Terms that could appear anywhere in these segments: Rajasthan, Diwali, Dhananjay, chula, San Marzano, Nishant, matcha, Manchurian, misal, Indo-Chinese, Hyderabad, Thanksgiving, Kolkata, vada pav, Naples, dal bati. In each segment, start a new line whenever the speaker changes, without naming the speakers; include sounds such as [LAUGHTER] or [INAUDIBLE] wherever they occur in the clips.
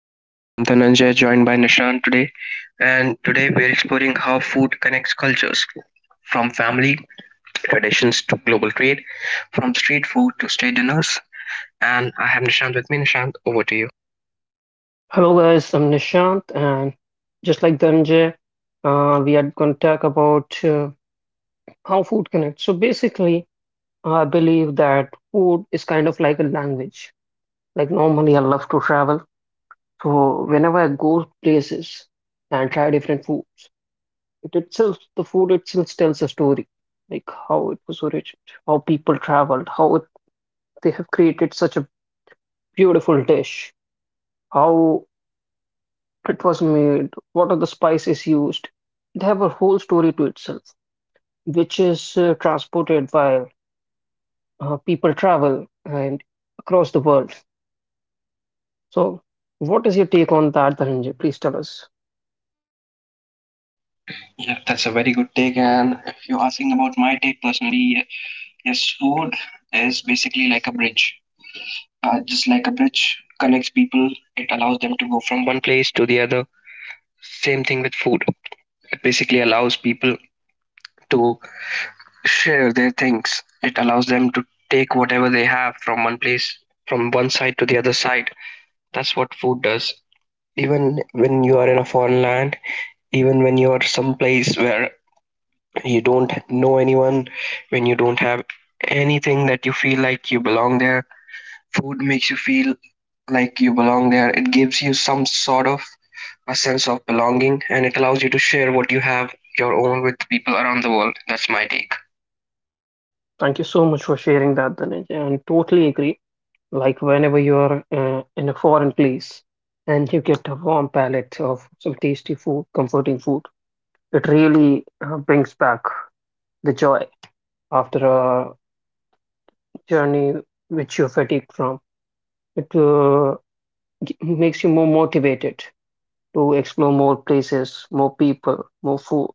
welcome. I'm Dhananjay, joined by Nishant today. And today we're exploring how food connects cultures from family traditions to global trade, from street food to state dinners. And I have Nishant with me. Nishant, over to you.
Hello guys, I'm Nishant, and just like the MJ, we are going to talk about how food connects. So basically, I believe that food is kind of like a language. Like normally, I love to travel, so whenever I go places and try different foods, the food itself tells a story, like how it was originated, how people traveled, they have created such a beautiful dish, how it was made, what are the spices used. They have a whole story to itself, which is transported by people travel and across the world. So, what is your take on that, Dhananjay? Please tell us.
Yeah, that's a very good take. And if you're asking about my take personally, yes, food is basically like a bridge. Just like a bridge connects people, it allows them to go from one place to the other. Same thing with food. It basically allows people to share their things. It allows them to take whatever they have from one place, from one side to the other side. That's what food does. Even when you are in a foreign land, even when you are someplace where you don't know anyone, when you don't have anything that you feel like you belong there, food makes you feel like you belong there. It gives you some sort of a sense of belonging, and it allows you to share what you have your own with people around the world. That's my take.
Thank you so much for sharing that, Dhananjay. And totally agree. Like whenever you're in a foreign place and you get a warm palate of some tasty food, comforting food, it really brings back the joy after a journey which you're fatigued from. It uh, Makes you more motivated to explore more places, more people, more food.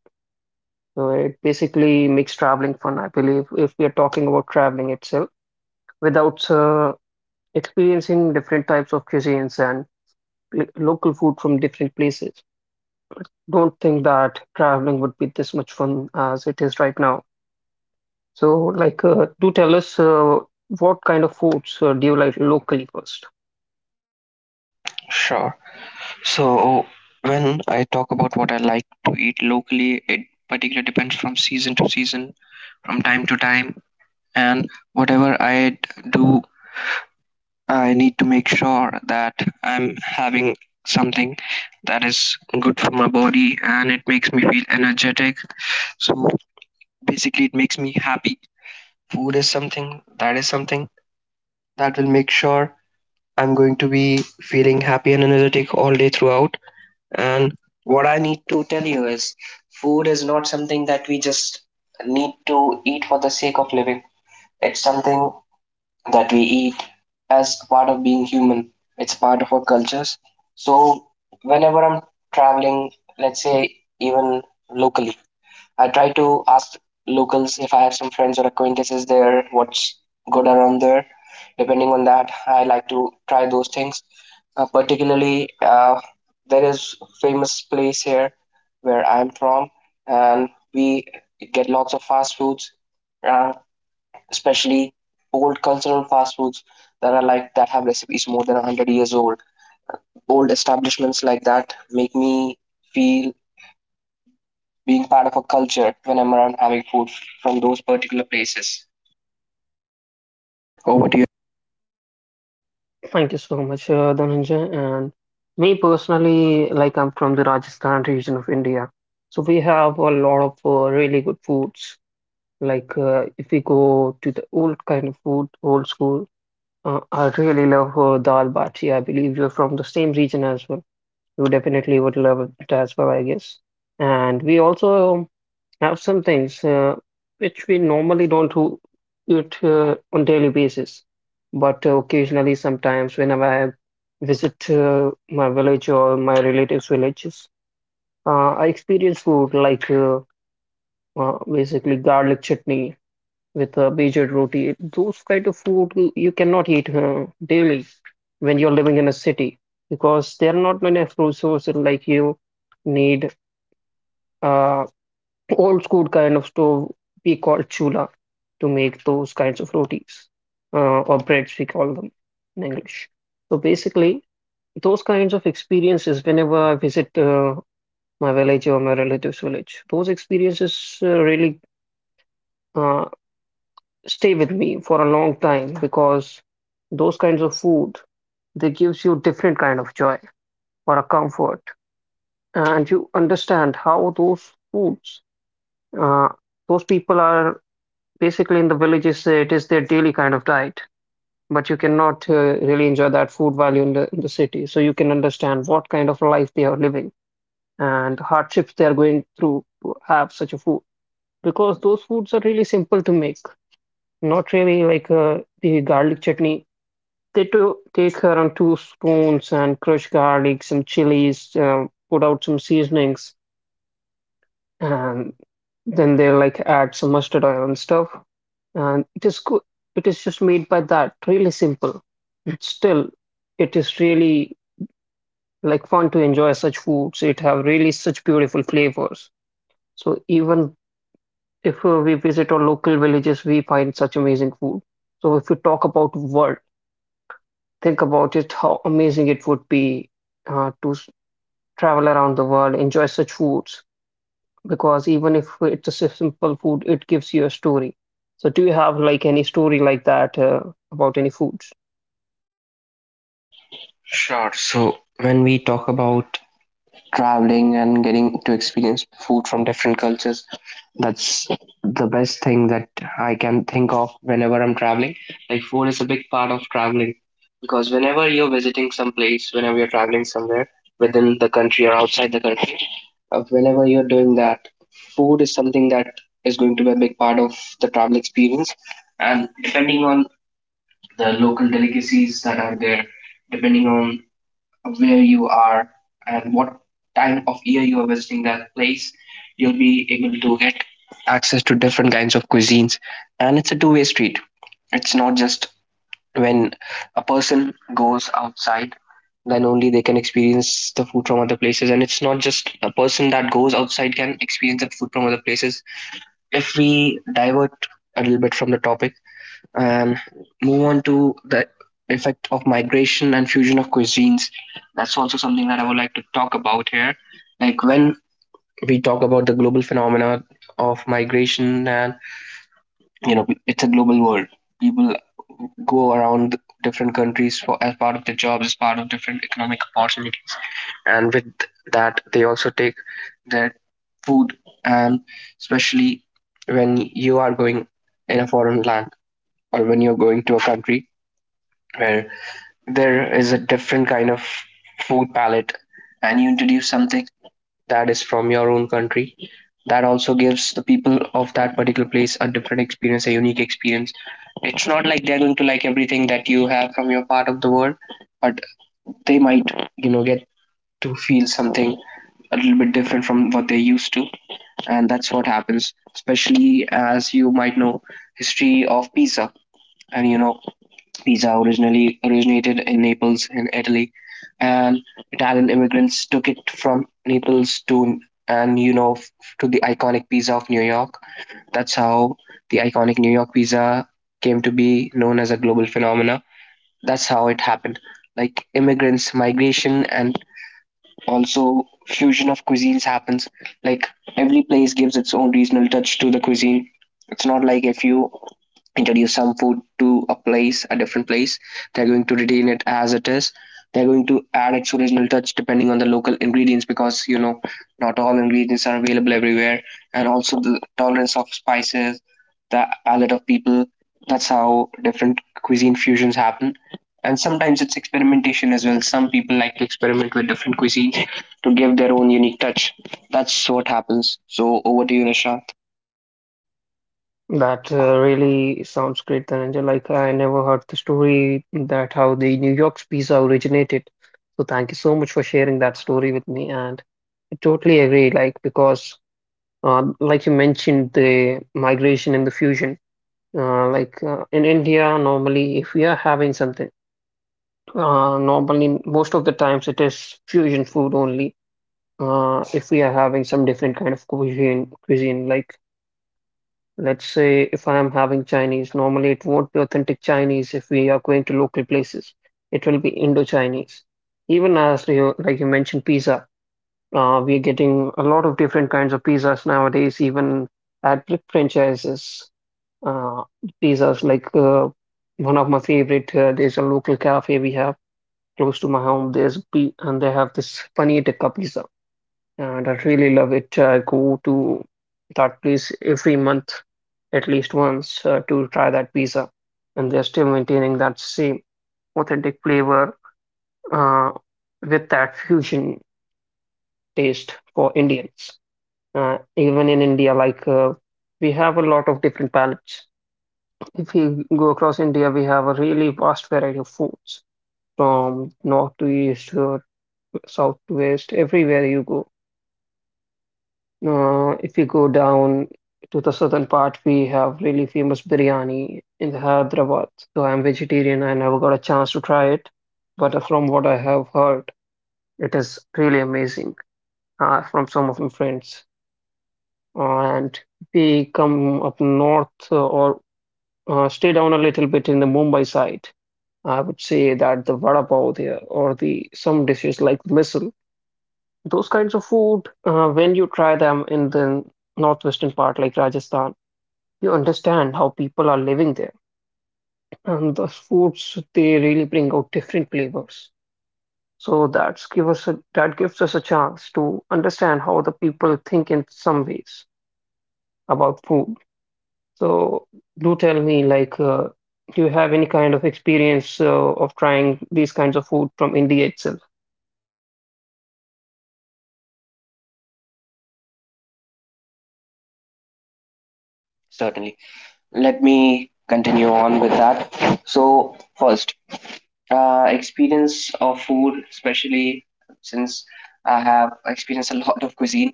So it basically makes traveling fun, I believe, if we are talking about traveling itself, without experiencing different types of cuisines and local food from different places. Don't think that traveling would be this much fun as it is right now. So, do tell us what kind of foods do you like locally first?
Sure. So when I talk about what I like to eat locally, it particularly depends from season to season, from time to time, and whatever I d- do, I need to make sure that I'm having something that is good for my body and it makes me feel energetic. So basically, it makes me happy. Food is something that will make sure I'm going to be feeling happy and energetic all day throughout. And what I need to tell you is food is not something that we just need to eat for the sake of living. It's something that we eat as part of being human. It's part of our cultures. So whenever I'm traveling, let's say even locally, I try to ask locals if I have some friends or acquaintances there, what's good around there. Depending on that, I like to try those things. Uh, particularly, uh, there is famous place here where I'm from, and we get lots of fast foods, uh, especially old cultural fast foods that are like that have recipes more than 100 years old. Old establishments like that make me feel being part of a culture when I'm around having food from those particular places. Over to you.
Thank you so much, Dhananjay. And me personally, like I'm from the Rajasthan region of India, so we have a lot of really good foods. Like if we go to the old kind of food, old school, I really love dal bati. I believe you're from the same region as well. You definitely would love it as well, I guess. And we also have some things which we normally don't do it on daily basis, but occasionally, sometimes whenever I visit my village or my relatives' villages, I experience food like basically garlic chutney with a bejad roti. Those kind of food you cannot eat daily when you're living in a city because there are not many food sources like you need. Uh, Old school kind of stove we call chula to make those kinds of rotis or breads we call them in English. So basically, those kinds of experiences whenever I visit my village or my relatives village, those experiences really uh, stay with me for a long time because those kinds of food, they gives you different kind of joy or a comfort, and you understand how those foods, uh, those people are basically in the villages, it is their daily kind of diet. But you cannot really enjoy that food value in the city, so you can understand what kind of life they are living and the hardships they are going through to have such a food because those foods are really simple to make. Not really like the garlic chutney. They do take around two spoons and crush garlic, some chilies, put out some seasonings, and then they like add some mustard oil and stuff, and it is good. It is just made by that, really simple. But still, it is really like fun to enjoy such foods. It have really such beautiful flavors. So even if we visit our local villages, we find such amazing food. So if you talk about world, think about it, how amazing it would be to travel around the world, enjoy such foods. Because even if it's a simple food, it gives you a story. So do you have like any story like that about any foods?
Sure. So when we talk about traveling and getting to experience food from different cultures. That's the best thing that I can think of whenever I'm traveling. Like, food is a big part of traveling because whenever you're visiting some place, whenever you're traveling somewhere within the country or outside the country, whenever you're doing that, food is something that is going to be a big part of the travel experience. And depending on the local delicacies that are there, depending on where you are and what time of year you are visiting that place, you'll be able to get access to different kinds of cuisines. And it's a two-way street. It's not just when a person goes outside, then only they can experience the food from other places. And it's not just a person that goes outside can experience the food from other places. If we divert a little bit from the topic, and move on to the effect of migration and fusion of cuisines. That's also something that I would like to talk about here. Like when we talk about the global phenomena of migration, and you know, it's a global world. People go around different countries for as part of their jobs, as part of different economic opportunity, and with that, they also take their food, and especially when you are going in a foreign land or when you're going to a country where there is a different kind of food palette and you introduce something that is from your own country, that also gives the people of that particular place a different experience, a unique experience. It's not like they're going to like everything that you have from your part of the world, but they might, you know, get to feel something a little bit different from what they're used to. And that's what happens, especially as you might know, history of pizza, and you know Pizza originally originated in Naples in Italy, and Italian immigrants took it from Naples to and you know f- to the iconic pizza of New York. That's how the iconic New York pizza came to be known as a global phenomena. That's how it happened. Like immigrants, migration, and also, fusion of cuisines happens. Like every place gives its own regional touch to the cuisine. It's not like if you introduce some food to a place, a different place, they're going to retain it as it is. They're going to add its original touch depending on the local ingredients, because, you know, not all ingredients are available everywhere, and also the tolerance of spices, the palate of people. That's how different cuisine fusions happen. And sometimes it's experimentation as well. Some people like to experiment with different cuisines to give their own unique touch. That's what happens. So over to you, Nisha.
That really sounds great, Dhananjay. Like I never heard the story that how the New York's pizza originated. So thank you so much for sharing that story with me. And I totally agree, like because like you mentioned, the migration and the fusion. In India, normally if we are having something, normally most of the times it is fusion food only. If we are having some different kind of cuisine, like let's say if I am having Chinese, normally it won't be authentic Chinese if we are going to local places. It will be Indo-Chinese. Even as you, like you mentioned, pizza. We are getting a lot of different kinds of pizzas nowadays, even at the franchises. Uh, pizzas like one of my favorite. There's a local cafe we have close to my home. There's p And they have this paneer tikka pizza, and I really love it. I go to that place every month, at least once, to try that pizza. And they're still maintaining that same authentic flavor uh, with that fusion taste for Indians. Even in India, we have a lot of different palates. If you go across India, we have a really vast variety of foods from north to east, south to west, everywhere you go. If you go down to the southern part, we have really famous biryani in Hyderabad. So I'm vegetarian. I never got a chance to try it, but from what I have heard, it is really amazing from some of my friends. And they come up north or stay down a little bit in the Mumbai side. I would say that the vada pav there or the some dishes like misal, those kinds of food, when you try them in the northwestern part like Rajasthan, you understand how people are living there. And the foods they really bring out different flavors. So that gives us a chance to understand how the people think in some ways about food. So do tell me, do you have any kind of experience of trying these kinds of food from India itself?
Certainly. Let me continue on with that. So first, experience of food, especially since I have experienced a lot of cuisine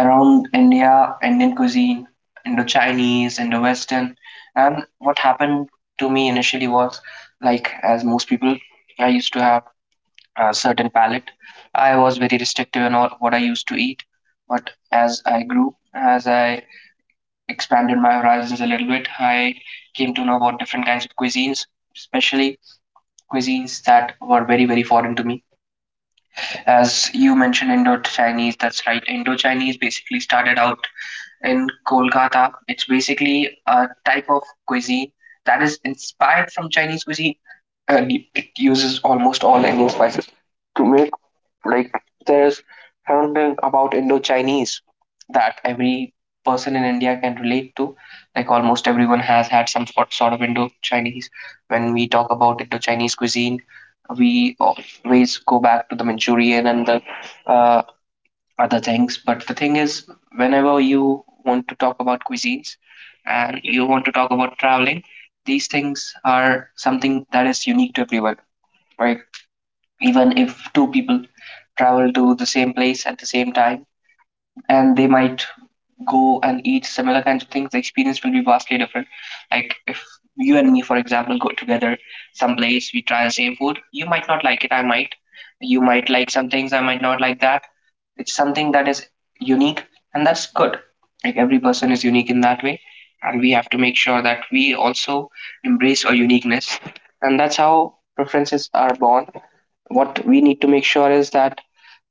around India, Indian cuisine, Indo-Chinese, Indo-Western. And what happened to me initially was, like as most people, I used to have a certain palate. I was very restrictive in all what I used to eat, but as I grew, as I expanded my horizons a little bit, I came to know about different kinds of cuisines, especially cuisines that were very very foreign to me. As you mentioned, Indo Chinese. That's right. Indo Chinese basically started out in Kolkata. It's basically a type of cuisine that is inspired from Chinese cuisine, and it uses almost all Indian spices to make, like, there's something about Indo-Chinese that every person in India can relate to. Like almost everyone has had some sort of Indo-Chinese. When we talk about Indo-Chinese cuisine, we always go back to the Manchurian and the uh, other things. But the thing is, whenever you want to talk about cuisines and you want to talk about traveling, these things are something that is unique to everyone, right? Even if two people travel to the same place at the same time, and they might go and eat similar kinds of things, the experience will be vastly different. Like if you and me, for example, go together someplace, we try the same food, you might not like it, I might. You might like some things, I might not like that. It's something that is unique, and that's good. Like every person is unique in that way, and we have to make sure that we also embrace our uniqueness. And that's how preferences are born. What we need to make sure is that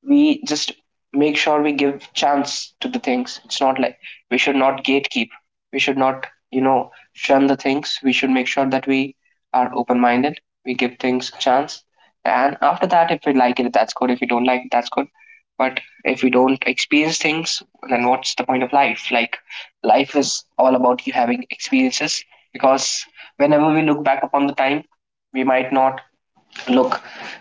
we just make sure we give chance to the things. It's not like we should not gatekeep, we should not, you know, shun the things. We should make sure that we are open minded, we give things a chance, and after that if we like it, that's good, if we don't like it, that's good. But if we don't experience things, then what's the point of life? Like life is all about you having experiences, because whenever we look back upon the time, we might not look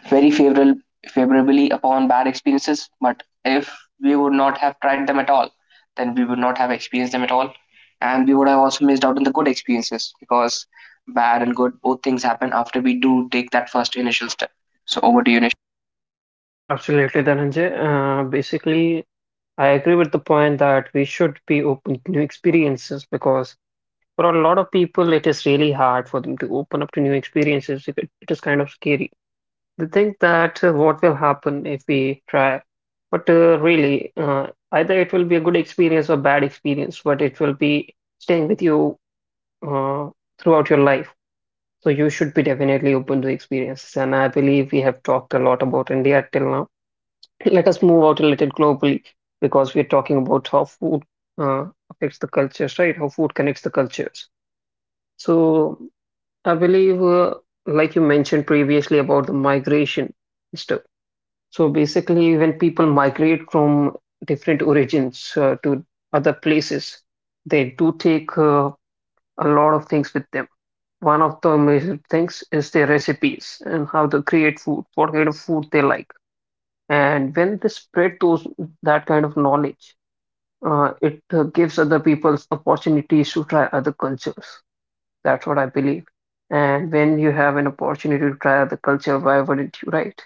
very favorable favorably upon bad experiences, but if we would not have tried them at all, then we would not have experienced them at all, and we would have also missed out on the good experiences, because bad and good both things happen after we do take that first initial step. So over to you, Nish.
Absolutely, Dhananjay. Basically, I agree with the point that we should be open to new experiences because for a lot of people, it is really hard for them to open up to new experiences. It is kind of scary. They think that what will happen if we try, but really, either it will be a good experience or bad experience, but it will be staying with you uh, throughout your life. So you should be definitely open to experiences. And I believe we have talked a lot about India till now. [LAUGHS] [CLEARS THROAT] Let us move out a little globally because we're talking about how food affects the cultures, right? How food connects the cultures. So I believe, like you mentioned previously about the migration and stuff. So basically, when people migrate from different origins to other places, they do take a lot of things with them. One of the major things is their recipes and how to create food, what kind of food they like. And when they spread those that kind of knowledge, it gives other people opportunities to try other cultures. That's what I believe. And when you have an opportunity to try the culture, why wouldn't you, right?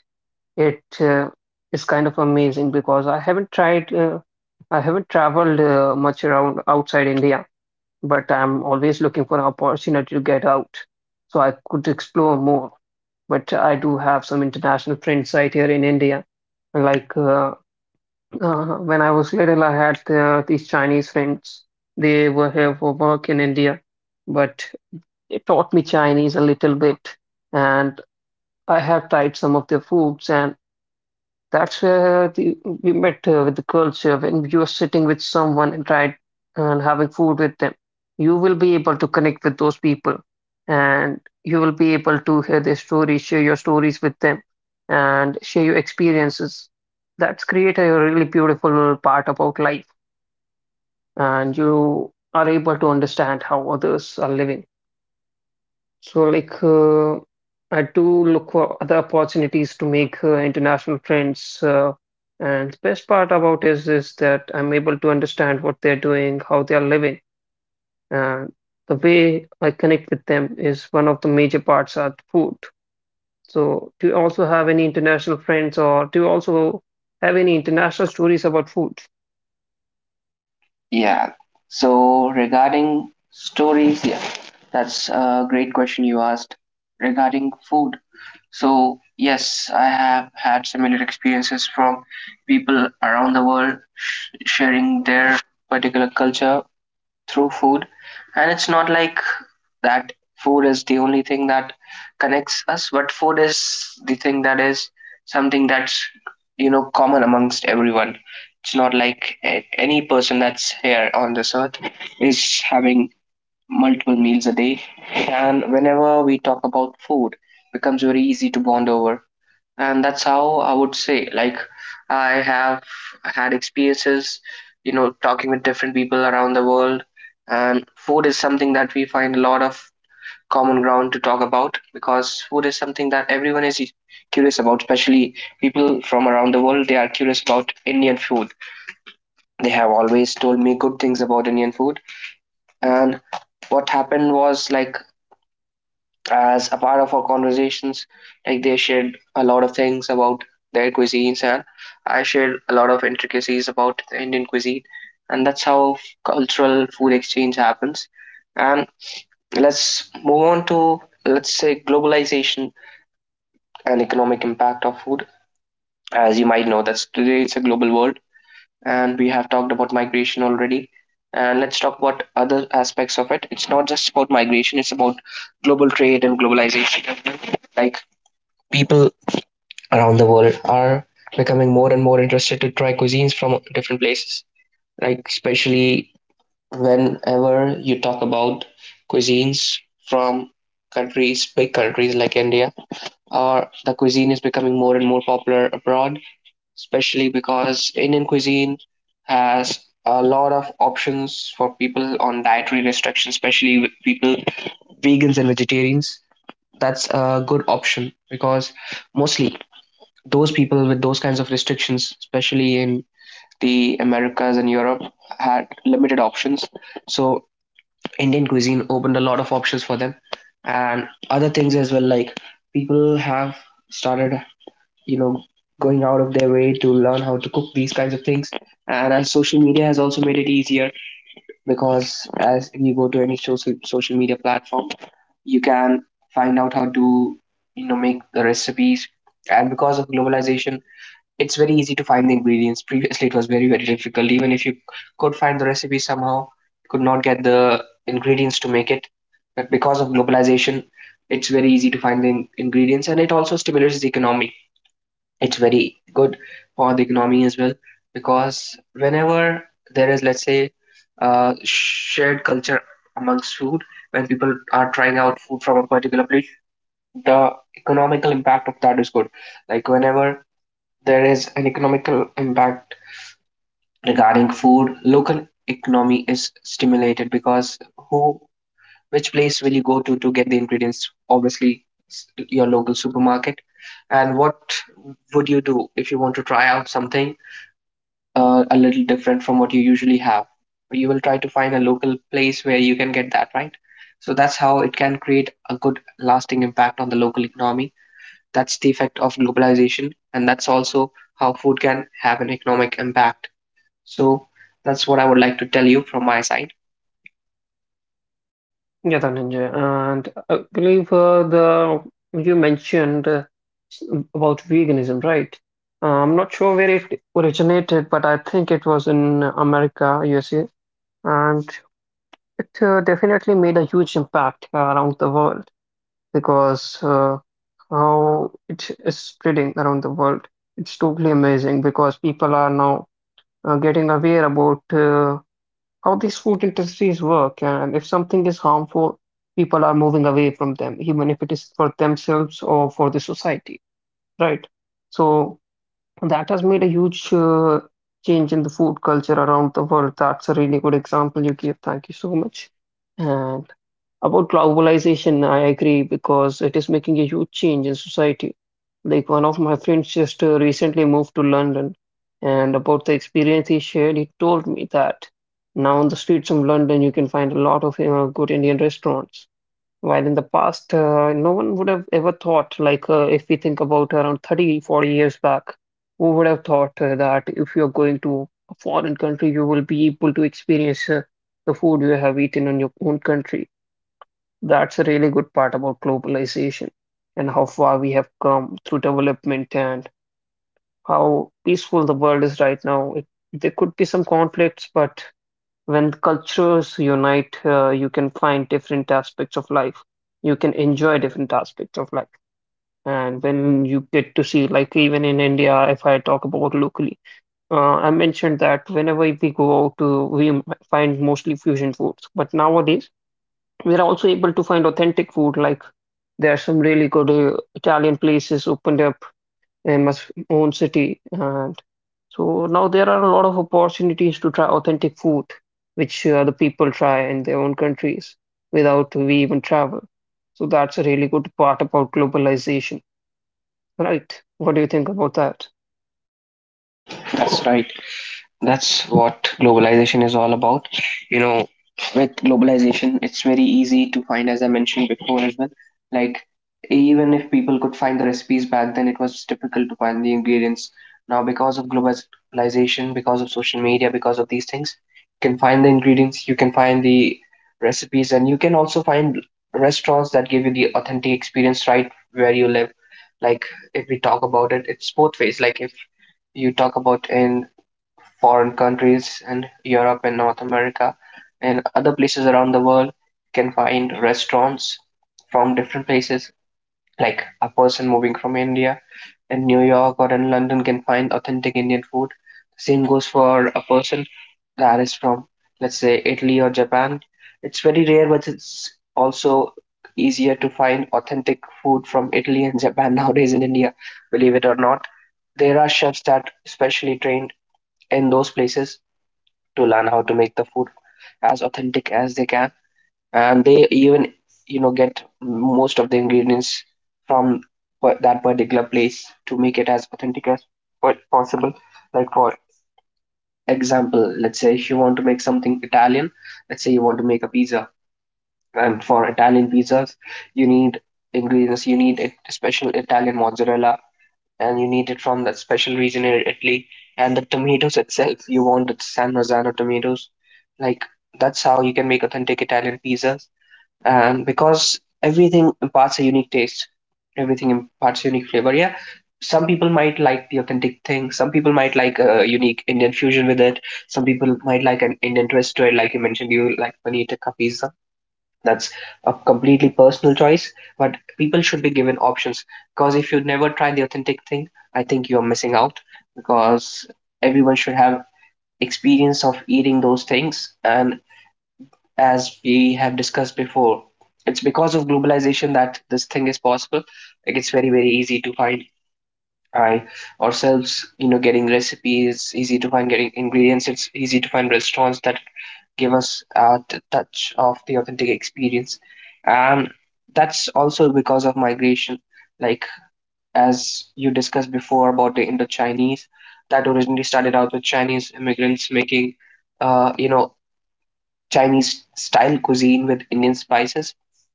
It uh, it's kind of amazing because I haven't traveled much around outside India, but I'm always looking for an opportunity to get out so I could explore more. But I do have some international friends right here in India. Like uh, when I was little, I had these Chinese friends. They were here for work in India, but they taught me Chinese a little bit, and I have tried some of their foods, and that's where the, we met with the culture. When you are sitting with someone and tried and having food with them, you will be able to connect with those people, and you will be able to hear their stories, share your stories with them, and share your experiences. That's create a really beautiful part about life, and you are able to understand how others are living. So, I do look for other opportunities to make international friends. And the best part about is that I'm able to understand what they're doing, how they are living, and the way I connect with them is one of the major parts are the food. So, do you also have any international friends, or do you also have any international stories about food?
Yeah. So regarding stories, yeah, that's a great question you asked regarding food. So, yes, I have had similar experiences from people around the world sharing their particular culture through food. And it's not like that food is the only thing that connects us, but food is the thing that is something that's, you know, common amongst everyone. It's not like any person that's here on this earth is having multiple meals a day. And whenever we talk about food, becomes very easy to bond over, and that's how I would say, like, I have had experiences, you know, talking with different people around the world, and food is something that we find a lot of common ground to talk about, because food is something that everyone is curious about, especially people from around the world. They are curious about Indian food. They have always told me good things about Indian food. And what happened was, like, as a part of our conversations, like, they shared a lot of things about their cuisines, and I shared a lot of intricacies about the Indian cuisine. And that's how cultural food exchange happens. And let's move on to, let's say, globalization and economic impact of food. As you might know, that's today it's a global world, and we have talked about migration already. And let's talk about other aspects of it. It's not just about migration, it's about global trade and globalization. Like, people around the world are becoming more and more interested to try cuisines from different places. Like, especially whenever you talk about cuisines from countries, big countries like India, or the cuisine is becoming more and more popular abroad, especially because Indian cuisine has a lot of options for people on dietary restrictions, especially with people vegans and vegetarians. That's a good option because mostly those people with those kinds of restrictions, especially in the Americas and Europe, had limited options. So Indian cuisine opened a lot of options for them, and other things as well. Like, people have started, you know, going out of their way to learn how to cook these kinds of things. And as social media has also made it easier, because as you go to any social media platform, you can find out how to, you know, make the recipes. And because of globalization, it's very easy to find the ingredients. Previously it was very, very difficult. Even if you could find the recipe somehow, could not get the ingredients to make it. But because of globalization, it's very easy to find the ingredients, and it also stimulates the economy. It's very good for the economy as well, because whenever there is, let's say, shared culture amongst food, when people are trying out food from a particular place, the economical impact of that is good. Like, whenever there is an economical impact regarding food, local economy is stimulated, because who, which place will you go to get the ingredients? Obviously, your local supermarket. And what would you do if you want to try out something a little different from what you usually have? You will try to find a local place where you can get that, right? So that's how it can create a good lasting impact on the local economy. That's the effect of globalization, and that's also how food can have an economic impact. So that's what I would like to tell you from my side.
Yeah, Dhananjay, and I believe the you mentioned s- about veganism, right? I'm not sure where it originated, but I think it was in America, USA, and it definitely made a huge impact around the world because how it is spreading around the world. It's totally amazing because people are now getting aware about how these food industries work, and if something is harmful, people are moving away from them, even if it is for themselves or for the society, right? So that has made a huge change in the food culture around the world. That's a really good example you gave. Thank you so much. And about globalization, I agree, because it is making a huge change in society. Like, one of my friends just recently moved to London, and about the experience he shared, he told me that now on the streets of London you can find a lot of good Indian restaurants. While in the past, no one would have ever thought, like, if we think about around 30, 40 years back, who would have thought that if you're going to a foreign country, you will be able to experience the food you have eaten in your own country. That's a really good part about globalization, and how far we have come through development, and how peaceful the world is right now. There could be some conflicts, but when cultures unite, you can find different aspects of life. You can enjoy different aspects of life. And when you get to see, like even in India, if I talk about locally, I mentioned that whenever we go out to, find mostly fusion foods. But nowadays, we're also able to find authentic food. Like, there are some really good Italian places opened up in my own city. So now there are a lot of opportunities to try authentic food, which the people try in their own countries without we even travel. So that's a really good part about globalization, right? What do you think about that?
That's right. That's what globalization is all about. You know, with globalization, it's very easy to find, as I mentioned before as well. Like, even if people could find the recipes back then, it was difficult to find the ingredients. Now, because of globalization, because of social media, because of these things, you can find the ingredients, you can find the recipes, and you can also find restaurants that give you the authentic experience right where you live. Like, if we talk about it, it's both ways. Like, if you talk about in foreign countries in Europe and North America and other places around the world, you can find restaurants from different places. Like, a person moving from India in New York or in London can find authentic Indian food. Same goes for a person that is from, let's say, Italy or Japan. It's very rare, but it's also easier to find authentic food from Italy and Japan [LAUGHS] nowadays in India, believe it or not. There are chefs that specially trained in those places to learn how to make the food as authentic as they can, and they even, you know, get most of the ingredients from that particular place to make it as authentic as possible. Like, for example, let's say if you want to make something Italian, let's say you want to make a pizza. And for Italian pizzas, you need ingredients, you need a special Italian mozzarella, and you need it from that special region in Italy. And the tomatoes itself, you want the San Marzano tomatoes. Like, that's how you can make authentic Italian pizzas. And because everything imparts a unique taste, everything imparts a unique flavor. Yeah, some people might like the authentic thing. Some people might like a unique Indian fusion with it. Some people might like an Indian twist to it, like you mentioned. You like paneer ka pizza. That's a completely personal choice, but people should be given options. Because if you never try the authentic thing, I think you're missing out. Because everyone should have experience of eating those things. And as we have discussed before, it's because of globalization that this thing is possible. Like, it's very, very easy to find I ourselves, you know, getting recipes, easy to find getting ingredients. It's easy to find restaurants that give us a touch of the authentic experience. And that's also because of migration. Like, as you discussed before about the Indo Chinese, that originally started out with Chinese immigrants making, you know, Chinese style cuisine with Indian spices.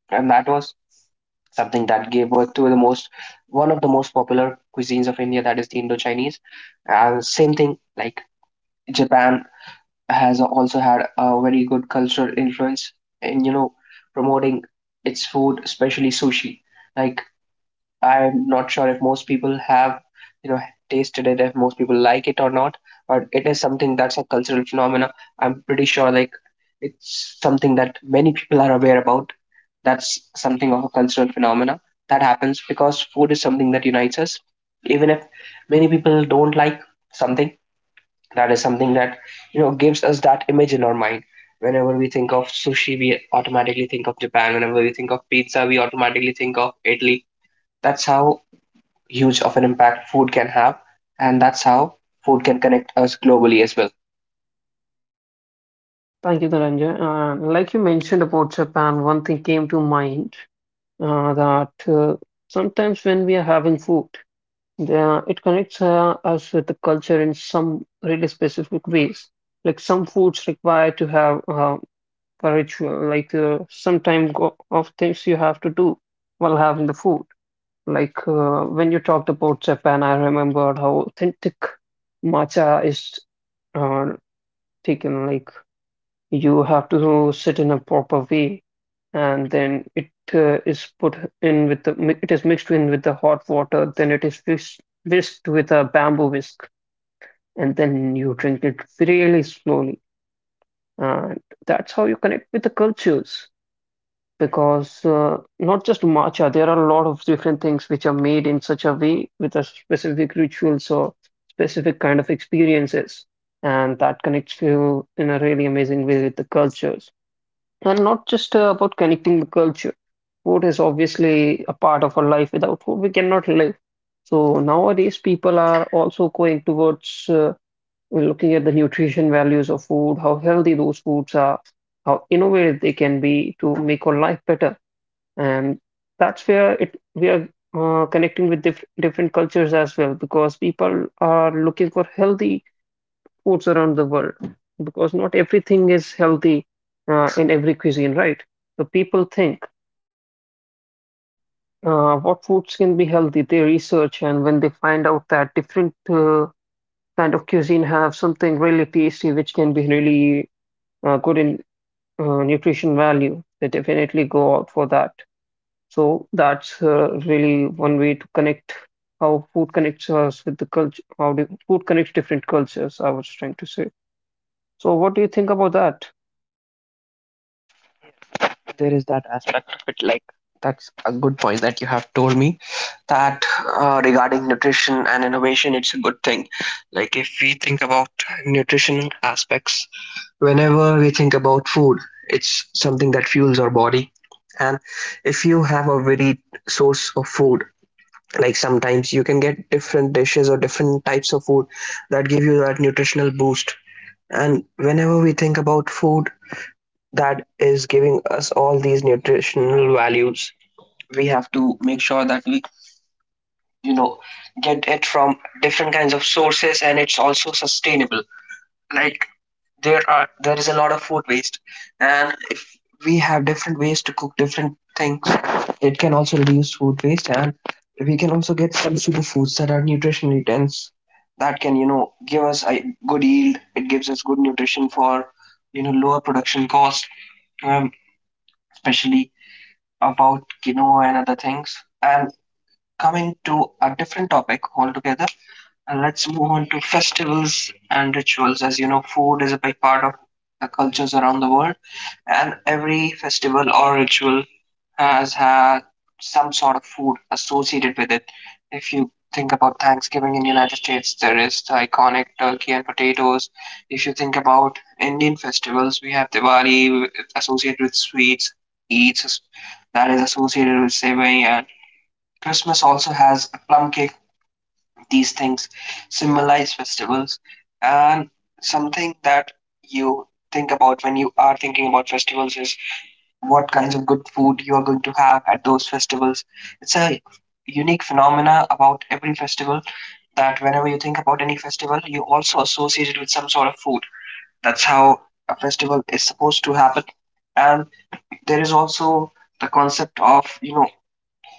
And that was something that gave birth to the most one of the most popular cuisines of India, that is the Indo-Chinese. And same thing, like, Japan has also had a very good cultural influence in, you know, promoting its food, especially sushi. Like, I'm not sure if most people have, you know, tasted it, if most people like it or not, but it is something that's a cultural phenomena. I'm pretty sure, like, it's something that many people are aware about. That's something of a cultural phenomena that happens because food is something that unites us. Even if many people don't like something, that is something that, you know, gives us that image in our mind. Whenever we think of sushi, we automatically think of Japan. Whenever we think of pizza, we automatically think of Italy. That's how huge of an impact food can have, and that's how food can connect us globally as well.
Thank you, Dhananjay. Like you mentioned about Japan, one thing came to mind that sometimes when we are having food, it connects us with the culture in some really specific ways. Like, some foods require to have a ritual, like some time go of things you have to do while having the food. Like, when you talked about Japan, I remembered how authentic matcha is uh, taken. Like, you have to sit in a proper way, and then it is put in with it is mixed in with the hot water. Then it is whisked with a bamboo whisk, and then you drink it really slowly. And that's how you connect with the cultures. Because not just matcha, there are a lot of different things which are made in such a way, with a specific rituals or specific kind of experiences, and that connects you in a really amazing way with the cultures. And not just about connecting the culture. Food is obviously a part of our life. Without food, we cannot live. So nowadays, people are also going towards looking at the nutrition values of food, how healthy those foods are, how innovative they can be to make our life better, and that's where it we are connecting with different cultures as well, because people are looking for healthy foods around the world, because not everything is healthy in every cuisine, right? So people think what foods can be healthy, they research, and when they find out that different kind of cuisine have something really tasty which can be really good in nutrition value, they definitely go out for that. So that's really one way to connect how food connects us with the culture, how the food connects different cultures, I was trying to say. So what do you think about that?
There is that aspect of it, like, that's a good point that you have told me, that regarding nutrition and innovation, it's a good thing. Like, if we think about nutrition aspects, whenever we think about food, it's something that fuels our body. And if you have a varied source of food, like, sometimes you can get different dishes or different types of food that give you that nutritional boost. And whenever we think about food that is giving us all these nutritional values, we have to make sure that we, you know, get it from different kinds of sources, and it's also sustainable. Like, there is a lot of food waste, and if we have different ways to cook different things, it can also reduce food waste. And we can also get some superfoods that are nutritionally dense, that can, you know, give us a good yield. It gives us good nutrition for, you know, lower production cost. um, Especially about quinoa and other things. And coming to a different topic altogether, and let's move on to festivals and rituals. As you know, food is a big part of the cultures around the world, and every festival or ritual has had some sort of food associated with it. If you think about Thanksgiving in the United States, there is the iconic turkey and potatoes. If you think about Indian festivals, we have Diwali associated with sweets, Eats that is associated with savory, and Christmas also has a plum cake. These things symbolize festivals, and something that you think about when you are thinking about festivals is what kinds of good food you are going to have at those festivals. It's a unique phenomena about every festival, that whenever you think about any festival, you also associate it with some sort of food. That's how a festival is supposed to happen. And there is also the concept of, you know,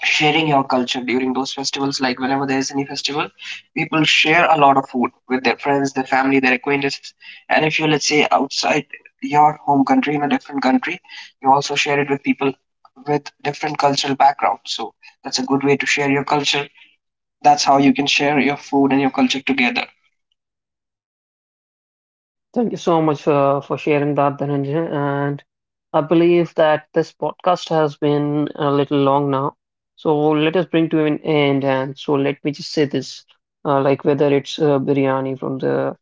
sharing your culture during those festivals. Like, whenever there's any festival, people share a lot of food with their friends, their family, their acquaintances. And if you're, let's say, outside your home country in a different country, you also share it with people with different cultural backgrounds. So that's a good way to share your culture. That's how you can share your food and your culture together.
Thank you so much for sharing that, Dhananjay. And I believe that this podcast has been a little long now. So let us bring to an end. And so let me just say this, like whether it's biryani from the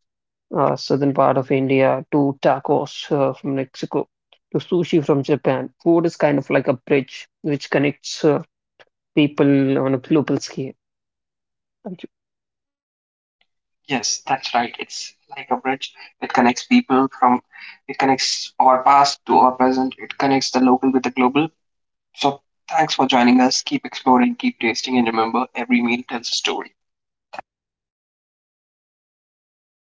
southern part of India, to tacos from Mexico, to sushi from Japan. Food is kind of like a bridge which connects people on a global scale. Thank you.
Yes, that's right. It's like a bridge. It connects people from it connects our past to our present. It connects the local with the global. So, thanks for joining us. Keep exploring, keep tasting, and remember every meal tells a story.